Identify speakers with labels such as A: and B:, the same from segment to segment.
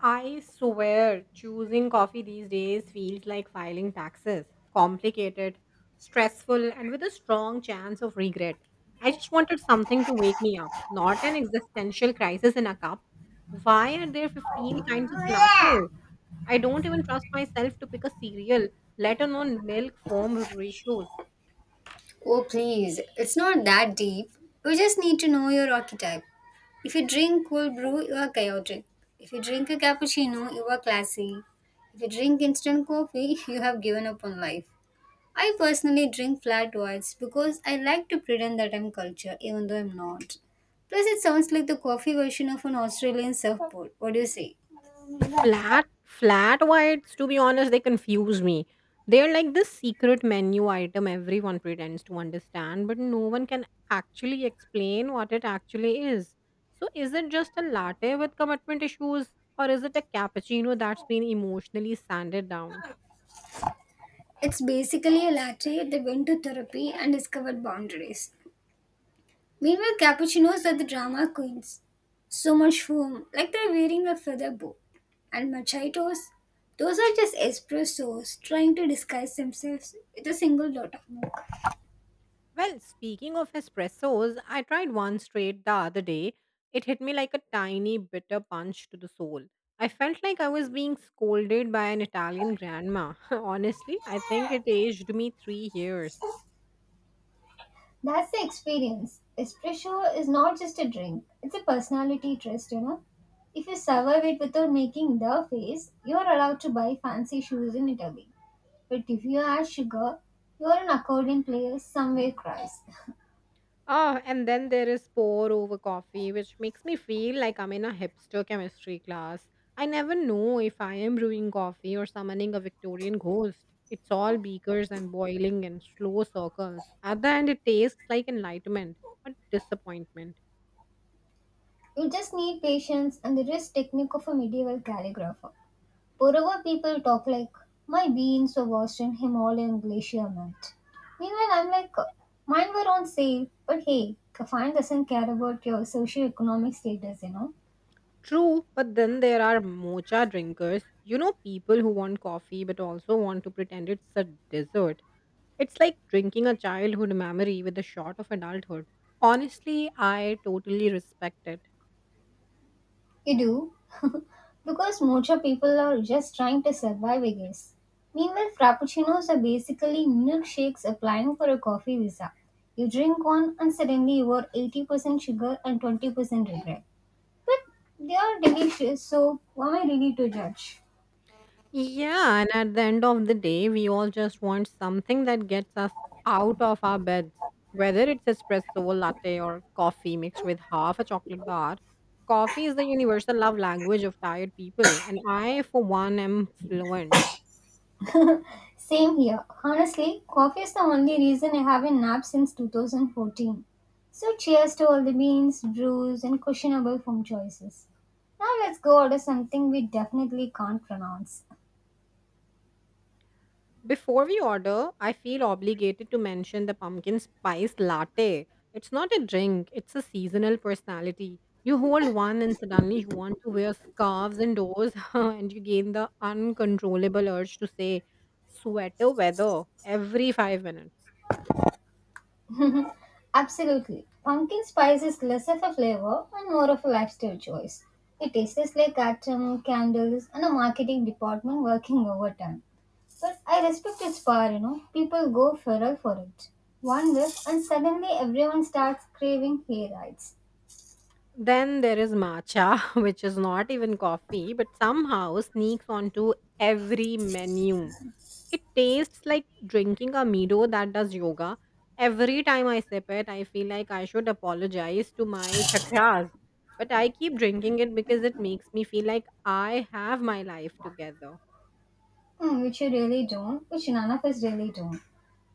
A: I swear choosing coffee these days feels like filing taxes. Complicated, stressful, and with a strong chance of regret. I just wanted something to wake me up, not an existential crisis in a cup. Why are there 15 kinds of latte? I don't even trust myself to pick a cereal, let alone milk foam ratios.
B: Oh, please, it's not that deep. You just need to know your archetype. If you drink cold brew, you are chaotic. If you drink a cappuccino, you are classy. If you drink instant coffee, you have given up on life. I personally drink flat whites because I like to pretend that I'm cultured, even though I'm not. Plus, it sounds like the coffee version of an Australian surfboard. What do you say?
A: Flat whites, to be honest, they confuse me. They're like this secret menu item everyone pretends to understand, but no one can actually explain what it actually is. So, is it just a latte with commitment issues, or is it a cappuccino that's been emotionally sanded down?
B: It's basically a latte that went to therapy and discovered boundaries. Meanwhile, cappuccinos are the drama queens. So much foam, like they're wearing a feather boa. And machitos, those are just espressos trying to disguise themselves with a single dot of milk.
A: Well, speaking of espressos, I tried one straight the other day. It hit me like a tiny bitter punch to the soul. I felt like I was being scolded by an Italian grandma. Honestly, I think it aged me 3 years.
B: That's the experience. Espresso is not just a drink, it's a personality test, you know. If you survive it without making the face, you're allowed to buy fancy shoes in Italy. But if you add sugar, you're an accordion player somewhere cries.
A: Oh, and then there is pour over coffee, which makes me feel like I'm in a hipster chemistry class. I never know if I am brewing coffee or summoning a Victorian ghost. It's all beakers and boiling in slow circles. At the end, it tastes like enlightenment, but disappointment.
B: You just need patience and the wrist technique of a medieval calligrapher. Moreover, people talk like, my beans were washed in Himalayan glacier melt. Meanwhile, I'm like, mine were on sale, but hey, Kafan doesn't care about your socio-economic status, you know?
A: True, but then there are mocha drinkers. You know, people who want coffee but also want to pretend it's a dessert. It's like drinking a childhood memory with a shot of adulthood. Honestly, I totally respect it.
B: You do, because mocha people are just trying to survive, I guess. Meanwhile, frappuccinos are basically milkshakes applying for a coffee visa. You drink one and suddenly you are 80% sugar and 20% regret. But they are delicious, so who am I really to judge?
A: Yeah, and at the end of the day, we all just want something that gets us out of our beds. Whether it's espresso, latte, or coffee mixed with half a chocolate bar, coffee is the universal love language of tired people, and I, for one, am fluent.
B: Same here. Honestly, coffee is the only reason I haven't napped since 2014. So cheers to all the beans, brews, and questionable food choices. Now let's go order something we definitely can't pronounce.
A: Before we order, I feel obligated to mention the pumpkin spice latte. It's not a drink, it's a seasonal personality. You hold one and suddenly you want to wear scarves indoors, and you gain the uncontrollable urge to say sweater weather every 5 minutes.
B: Absolutely. Pumpkin spice is less of a flavor and more of a lifestyle choice. It tastes like atom, candles, and a marketing department working overtime. But I respect its power, you know. People go feral for it. One whiff, and suddenly everyone starts craving hair.
A: Then there is matcha, which is not even coffee, but somehow sneaks onto every menu. It tastes like drinking a Milo that does yoga. Every time I sip it, I feel like I should apologize to my chakras. But I keep drinking it because it makes me feel like I have my life together.
B: Hmm, which you really don't, which none of us really don't.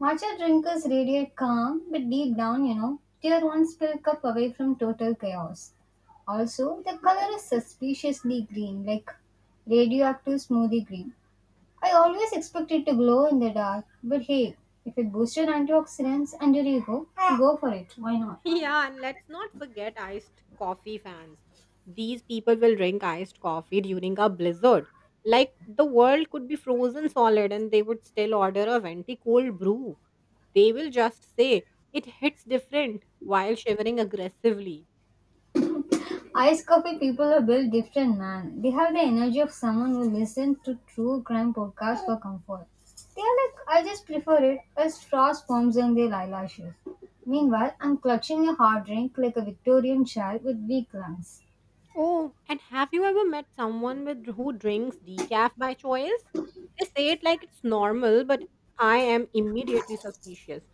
B: Matcha drinkers radiate calm, but deep down, you know, they are one spill cup away from total chaos. Also, the color is suspiciously green, like radioactive smoothie green. I always expect it to glow in the dark, but hey, if it boosts your antioxidants and your ego, go for it. Why not?
A: Yeah, and let's not forget iced coffee fans. These people will drink iced coffee during a blizzard. Like the world could be frozen solid and they would still order a venti cold brew. They will just say it hits different while shivering aggressively.
B: Ice coffee people are built different, man. They have the energy of someone who listens to true crime podcasts for comfort. They are like, I just prefer it as frost forms on their eyelashes. Meanwhile, I'm clutching a hard drink like a Victorian child with weak lungs.
A: Oh, and have you ever met someone with who drinks decaf by choice? They say it like it's normal, but I am immediately suspicious.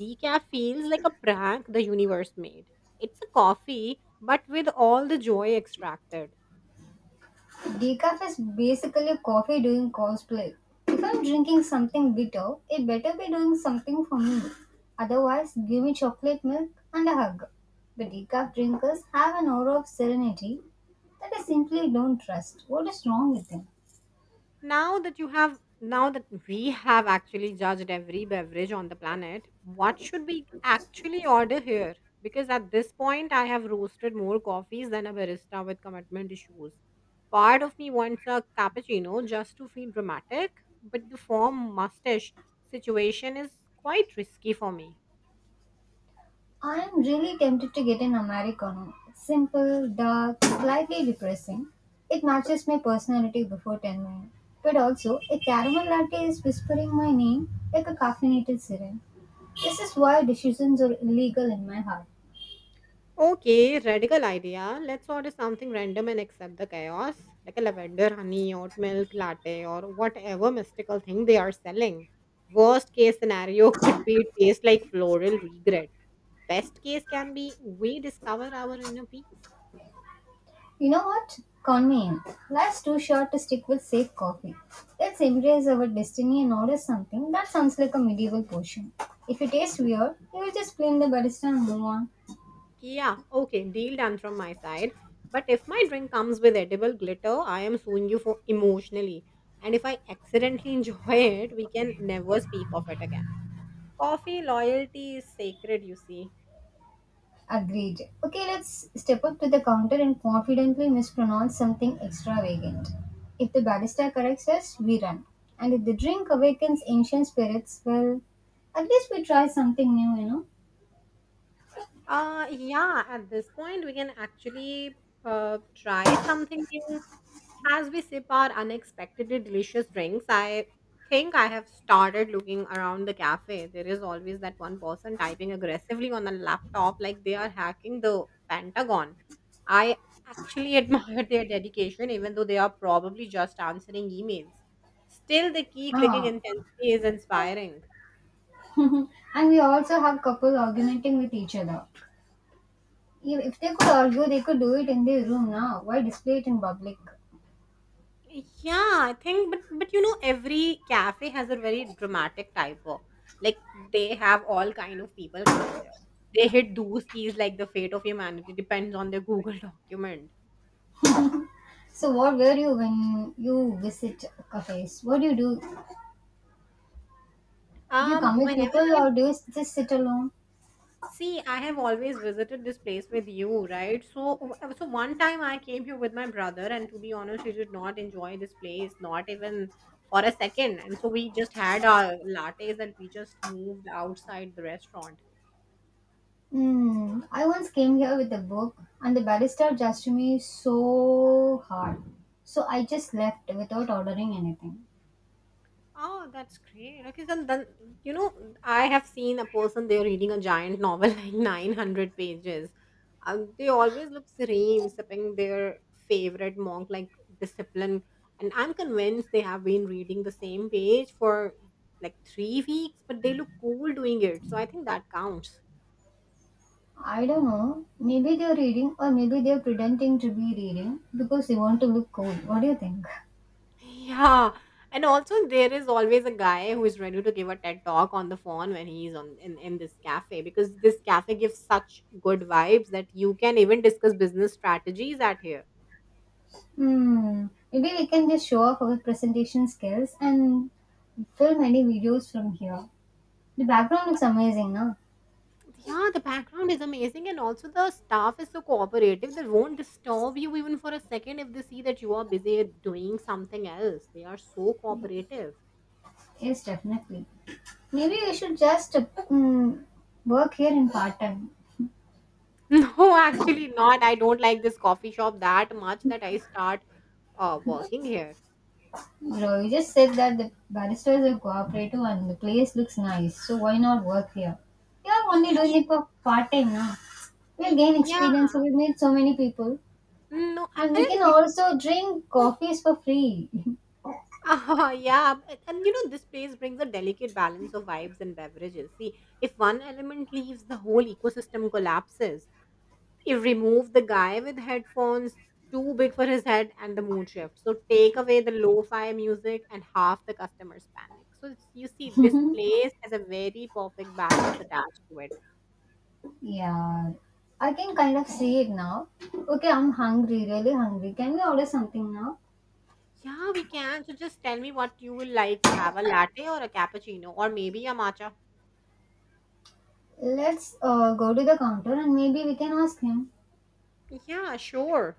A: Decaf feels like a prank the universe made. It's a coffee, but with all the joy extracted.
B: Decaf is basically coffee doing cosplay. If I'm drinking something bitter, it better be doing something for me. Otherwise, give me chocolate milk and a hug. The decaf drinkers have an aura of serenity that I simply don't trust. What is wrong with them?
A: Now that you have, now that we have actually judged every beverage on the planet, what should we actually order here? Because at this point, I have roasted more coffees than a barista with commitment issues. Part of me wants a cappuccino just to feel dramatic, but the form mustache situation is quite risky for me.
B: I am really tempted to get an Americano. It's simple, dark, slightly depressing. It matches my personality before 10 a.m. But also, a caramel latte is whispering my name like a caffeinated siren. This is why decisions are illegal in my heart.
A: Okay, radical idea. Let's order something random and accept the chaos, like a lavender honey, oat milk latte, or whatever mystical thing they are selling. Worst case scenario could be taste like floral regret. Best case can be we discover our inner peace.
B: You know what? Convenience. Life's too short to stick with safe coffee. Let's embrace our destiny and order something that sounds like a medieval potion. If it tastes weird, you will just blame the barista and move on.
A: Yeah, okay, deal done from my side. But if my drink comes with edible glitter, I am suing you for emotionally. And if I accidentally enjoy it, we can never speak of it again. Coffee loyalty is sacred, you see.
B: Agreed. Okay, let's step up to the counter and confidently mispronounce something extravagant. If the barista corrects us, we run. And if the drink awakens ancient spirits, well, at least we try something new, you know?
A: Yeah, at this point, we can actually try something new. As we sip our unexpectedly delicious drinks, I think I have started looking around the cafe. There is always that one person typing aggressively on a laptop like they are hacking the Pentagon. I actually admire their dedication, even though they are probably just answering emails. Still, the key clicking
B: Ah,
A: intensity is inspiring.
B: and we also have couples arguing with each other. If they could argue, they could do it in their room now. Why display it in public?
A: Yeah, I think, but you know, every cafe has a very dramatic typo. Like they have all kind of people coming there. They hit those keys like the fate of humanity depends on their Google document.
B: So, what were you when you visit cafes? What do you do? Do you come with
A: Whenever
B: people
A: I
B: or do you just sit alone?
A: I have always visited this place with you, right? So one time I came here with my brother, and to be honest, he did not enjoy this place, not even for a second. And so we just had our lattes and we just moved outside the restaurant.
B: Hmm. I once came here with a book and the barrister judged me so hard. So I just left without ordering anything.
A: Oh, that's great. Okay, so then you know I have seen a person they're reading a giant novel like 900 pages. They always look serene, sipping their favorite monk like discipline, and I'm convinced they have been reading the same page for like 3 weeks, but they look cool doing it. So I think that counts.
B: I don't know. Maybe they're reading or maybe they're pretending to be reading because they want to look cool. What do you think?
A: Yeah. And also there is always a guy who is ready to give a TED talk on the phone when he's on in this cafe because this cafe gives such good vibes that you can even discuss business strategies at here.
B: Hmm. Maybe we can just show off our presentation skills and film any videos from here. The background looks amazing, no?
A: Yeah, the background is amazing and also the staff is so cooperative. They won't disturb you even for a second if they see that you are busy doing something else. They are so cooperative.
B: Yes, definitely. Maybe we should just mm, work here in part time.
A: No, actually not. I don't like this coffee shop that much that I start working here.
B: Bro, you just said that the baristas are cooperative and the place looks nice, so why not work here? We are only
A: Ye-
B: doing it for part time now. We will gain
A: Yeah,
B: experience, we will meet so many people,
A: no, I
B: and we
A: I don't
B: can
A: think.
B: also drink coffees for free.
A: Ah, yeah, and you know, this place brings a delicate balance of vibes and beverages. See, if one element leaves, the whole ecosystem collapses. If remove the guy with headphones, too big for his head, and the mood shifts. So take away the lo-fi music, and half the customers panic. So it's, you see, this place has a very perfect balance attached to it.
B: Yeah, I can kind of see it now. Okay, I'm hungry, really hungry. Can we order something now?
A: Yeah, we can. So just tell me what you will like to have, a latte or a cappuccino, or maybe a matcha.
B: Let's go to the counter and maybe we can ask him.
A: Yeah, sure.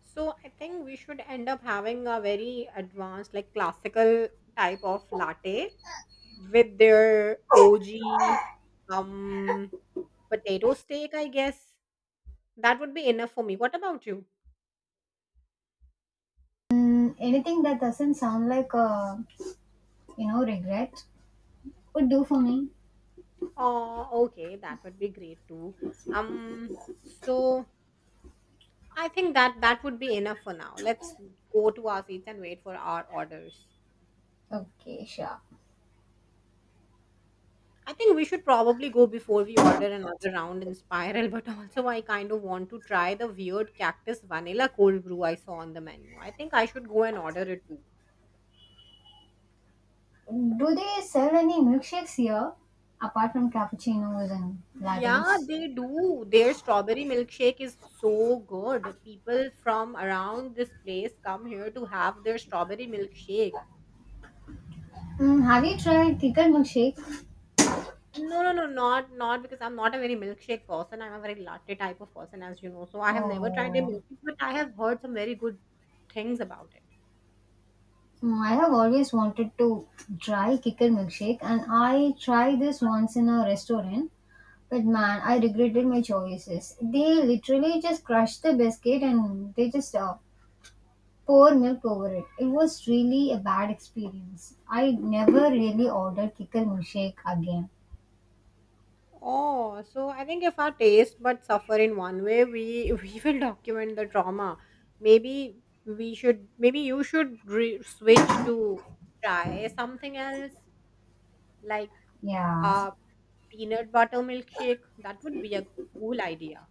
A: So I think we should end up having a very advanced, like classical type of latte with their OG um potato steak, I guess. That would be enough for me. What about you?
B: Mm, anything that doesn't sound like, you know, regret would do for me.
A: Oh, okay, that would be great too. Um, so I think that would be enough for now. Let's go to our seats and wait for our orders.
B: Okay, sure.
A: I think we should probably go before we order another round in Spiral, but also I kind of want to try the weird cactus vanilla cold brew I saw on the menu. I think I should go and order it too.
B: Do they sell any milkshakes here apart from cappuccinos and
A: Yeah,
B: lattes?
A: they do. Their strawberry milkshake is so good. People from around this place come here to have their strawberry milkshake.
B: Mm, have you tried thicker milkshake?
A: No, Not because I'm not a very milkshake person. I'm a very latte type of person, as you know. So I have never tried their
B: Oh.
A: milkshake, but I have heard some very good things about it.
B: Mm, I have always wanted to try kicker milkshake and I tried this once in a restaurant, but man, I regretted my choices. They literally just crushed the biscuit and they just pour milk over it. It was really a bad experience. I never really ordered kicker milkshake again.
A: Oh, so I think if our taste but suffer in one way, we we will document the trauma. Maybe we should, maybe you should switch to try something else, like
B: Yeah,
A: a peanut butter milkshake. That would be a cool idea.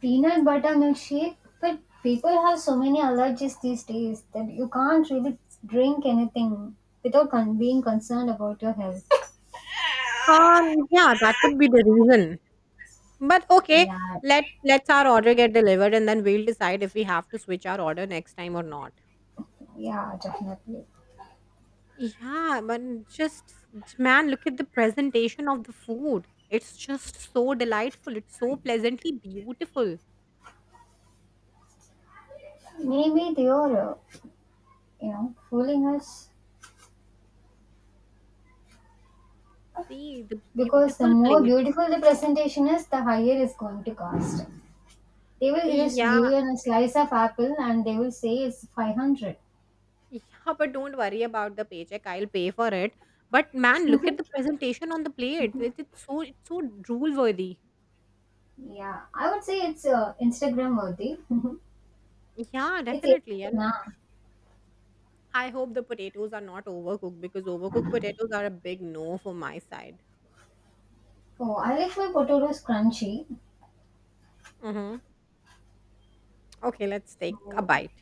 B: peanut butter milkshake, but people have so many allergies these days that you can't really drink anything without being concerned about your health.
A: Yeah, that could be the reason. But okay,
B: Yeah,
A: let's our order get delivered, and then we'll decide if we have to switch our order next time or not.
B: yeah, definitely.
A: Yeah, man, just man, look at the presentation of the food. It's just so delightful. It's so pleasantly beautiful.
B: Maybe they are, you know, fooling us
A: See the
B: because the
A: beautiful
B: more
A: plate.
B: beautiful the presentation is, the higher it's going to cost. They will just give
A: Yeah,
B: you a slice of apple and they will say it's 500.
A: yeah, but don't worry about the paycheck. I'll pay for it. But man, look at the presentation on the plate. It's so it's so drool worthy.
B: Yeah, I would say it's Instagram worthy.
A: Yeah,
B: It's
A: definitely. And
B: nah.
A: I hope the potatoes are not overcooked because overcooked potatoes are a big no for my side.
B: Oh, I like my potatoes crunchy.
A: Mm-hmm. Okay, let's take a
B: So,
A: bite.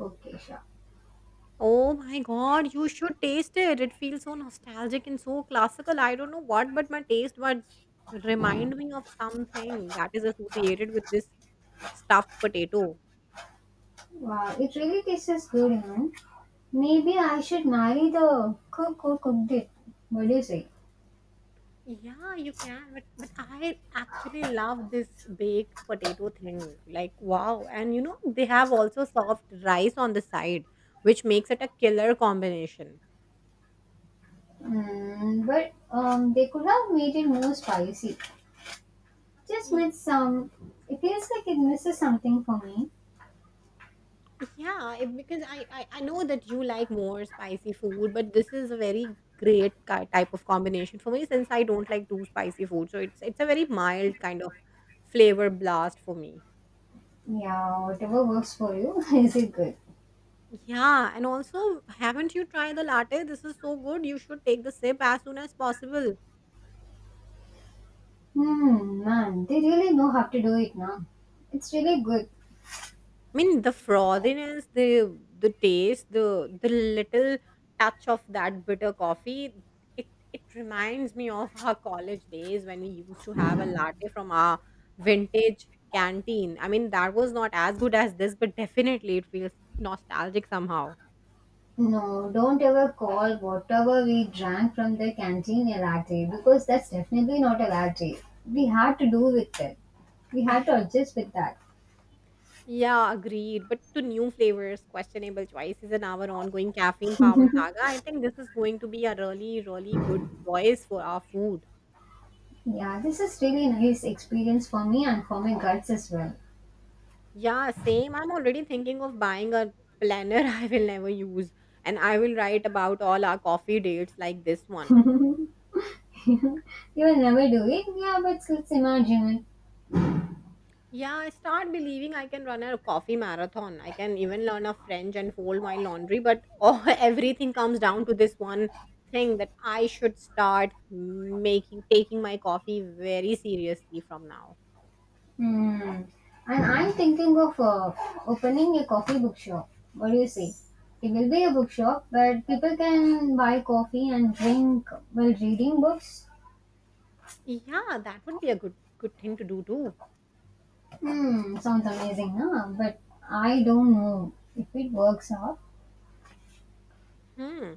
B: okay, sure.
A: Oh my god, you should taste it. It feels so nostalgic and so classical. I don't know what, but my taste buds remind me of something that is associated with this stuffed potato.
B: Wow, it really tastes good, you know. Maybe I should marry the cook who cooked it. What do you say?
A: Yeah, you can, but I actually love this baked potato thing. Like wow, and you know they have also soft rice on the side, which makes it a killer combination.
B: Mm, but they could have made it more spicy. Just with some. It feels like it misses something for me.
A: Yeah, it- because I know that you like more spicy food, but this is a very great ki type of combination for me since I don't like too spicy food. So it's a very mild kind of flavor blast for me.
B: Yeah, whatever works for you. Is it good?
A: Yeah, and also haven't you tried the latte? This is so good. You should take the sip as soon as possible.
B: Hmm, man, they really know how to do it now. It's really good.
A: I mean, the frothiness, the taste, the little touch of that bitter coffee, it reminds me of our college days when we used to have a latte from our vintage canteen. I mean, that was not as good as this, but definitely it feels nostalgic somehow.
B: No, don't ever call whatever we drank from the canteen a latte because that's definitely not a latte. We had to do with it. We had to adjust with that.
A: Yeah, agreed. But to new flavors, questionable choices, and our ongoing caffeine powered saga, I think this is going to be a really, really good choice for our food.
B: Yeah, this is really nice experience for me and for my guts as well.
A: Yeah, same. I'm already thinking of buying a planner I will never use, and I will write about all our coffee dates like this one.
B: You will never do it. Yeah, but let's imagine it.
A: Yeah, I start believing I can run a coffee marathon. I can even learn a French and fold my laundry, but oh, everything comes down to this one thing that I should start making taking my coffee very seriously from now.
B: Hmm. And I'm thinking of opening a coffee bookshop. What do you say? It will be a bookshop where people can buy coffee and drink while reading books.
A: Yeah, that would be a good thing to do too.
B: Hmm, sounds amazing, huh? But I don't know if it works out.
A: Hmm.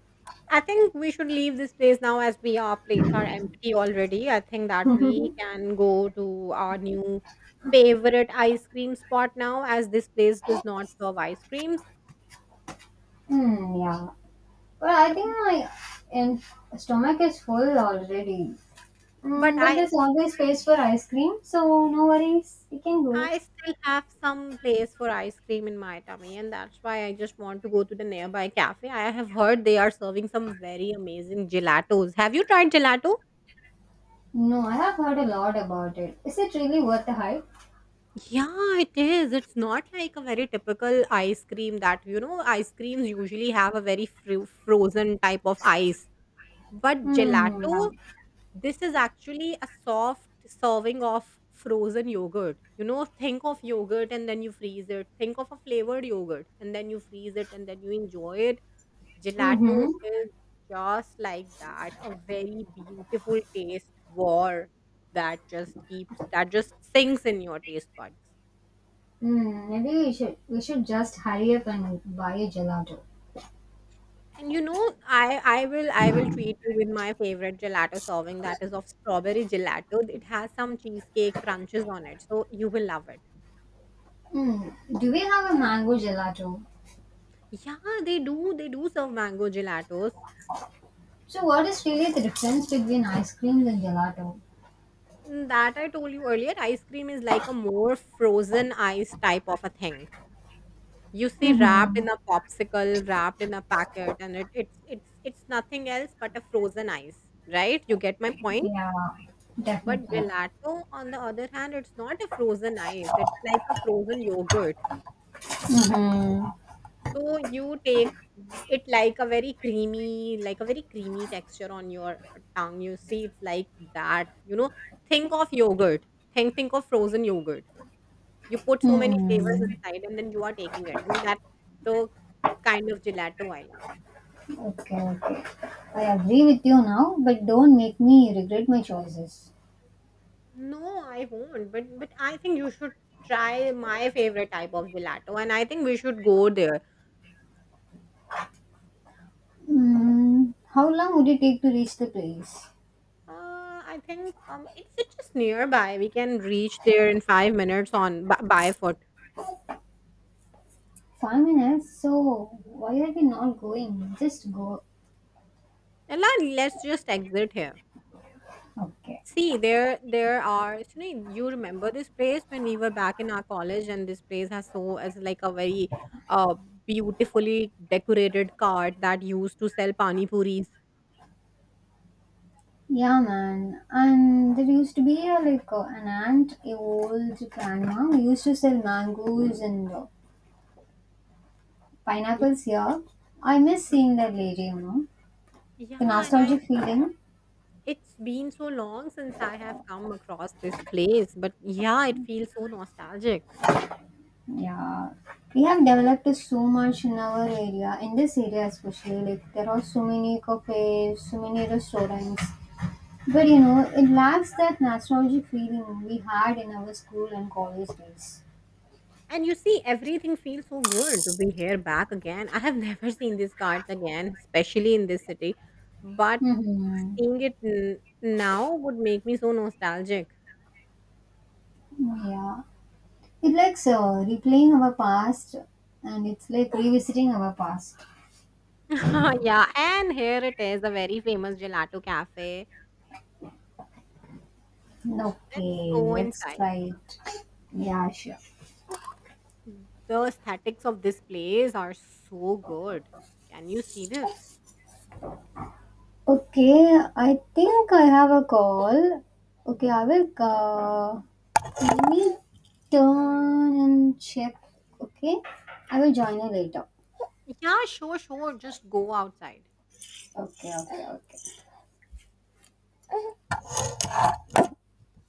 A: I think we should leave this place now as we our plates are empty already. I think that we can go to our new favorite ice cream spot now as this place does not serve ice creams.
B: Hmm, yeah. But I
A: So,
B: think my in- stomach is full already.
A: but
B: Mm, but
A: I
B: there's always space for ice cream, so no worries. We can go.
A: I still have some place for ice cream in my tummy, and that's why I just want to go to the nearby cafe. I have heard they are serving some very amazing gelatos. Have you tried gelato?
B: No, I have heard a lot about it. Is it really worth the hype?
A: Yeah, it is. It's not like a very typical ice cream that, you know, ice creams usually have a very frozen type of ice. But
B: Hmm.
A: gelato,
B: Yeah.
A: this is actually a soft serving of frozen yogurt. You know, think of yogurt and then you freeze it. Think of a flavored yogurt and then you freeze it and then you enjoy it. Gelato
B: Mm-hmm.
A: is just like that, a very beautiful taste war that just keeps, that just sinks in your taste buds.
B: Mm, maybe we should just hurry up and buy a gelato.
A: And you know, I will treat you with my favorite gelato serving, that is of strawberry gelato. It has some cheesecake crunches on it, so you will love it.
B: Hmm. Do we have a mango gelato?
A: Yeah, they do serve mango gelatos.
B: So what is really the difference between ice creams and gelato?
A: Mm, that I told you earlier, ice cream is like a more frozen ice type of a thing. You see, wrapped
B: Mm-hmm.
A: in a popsicle, wrapped in a packet, and it it's nothing else but a frozen ice, right? You get my point?
B: Yeah.
A: But
B: Definitely.
A: gelato, on the other hand, it's not a frozen ice. It's like a frozen yogurt.
B: Mm-hmm.
A: So you take it like a very creamy, like a very creamy texture on your tongue. You see, it's like that. You know, think of yogurt. Think of frozen yogurt. You put so many flavors
B: Hmm.
A: inside, and then you are taking it, and that's the kind of gelato I like.
B: Okay, okay. I agree with you now, but don't make me regret my choices.
A: No, I won't. But I think you should try my favorite type of gelato, and I think we should go there.
B: Hmm. How long would it take to reach the place?
A: I think it's just nearby. We can reach there in 5 minutes on by foot.
B: 5 minutes? So, why are we not going? Just go.
A: And let's just exit here.
B: Okay.
A: See, there are. Sunil, you remember this place when we were back in our college, and this place has so as like a very uh beautifully decorated cart that used to sell pani puris.
B: Yeah, man. And there used to be a, like an aunt, a old grandma, who used to sell mangoes and
A: Y-
B: pineapples here. I miss seeing that lady, you know. The
A: Yeah, and I
B: nostalgic feeling.
A: it's been so long since I have come across this place, but yeah, it feels so nostalgic.
B: Yeah. We have developed so much in our area, in this area especially. Like, there are so many cafes, so many restaurants. But you know, it lacks that nostalgic feeling we had in our school and college days.
A: And you see, everything feels so good to be here back again. I have never seen these cards again, especially in this city. But
B: Hmm.
A: seeing it now would make me so nostalgic.
B: Yeah. It likes replaying our past and it's like revisiting our past.
A: Yeah, and here it is, a very famous gelato cafe. Let's
B: Okay,
A: go
B: let's
A: inside.
B: try it. Yeah, sure.
A: The aesthetics of this place are so good. Can you see this?
B: Okay, I think I have a call. Okay, I will let me turn and check. Okay, I will join you later.
A: Yeah, sure, sure. Just go outside.
B: Okay, okay, okay.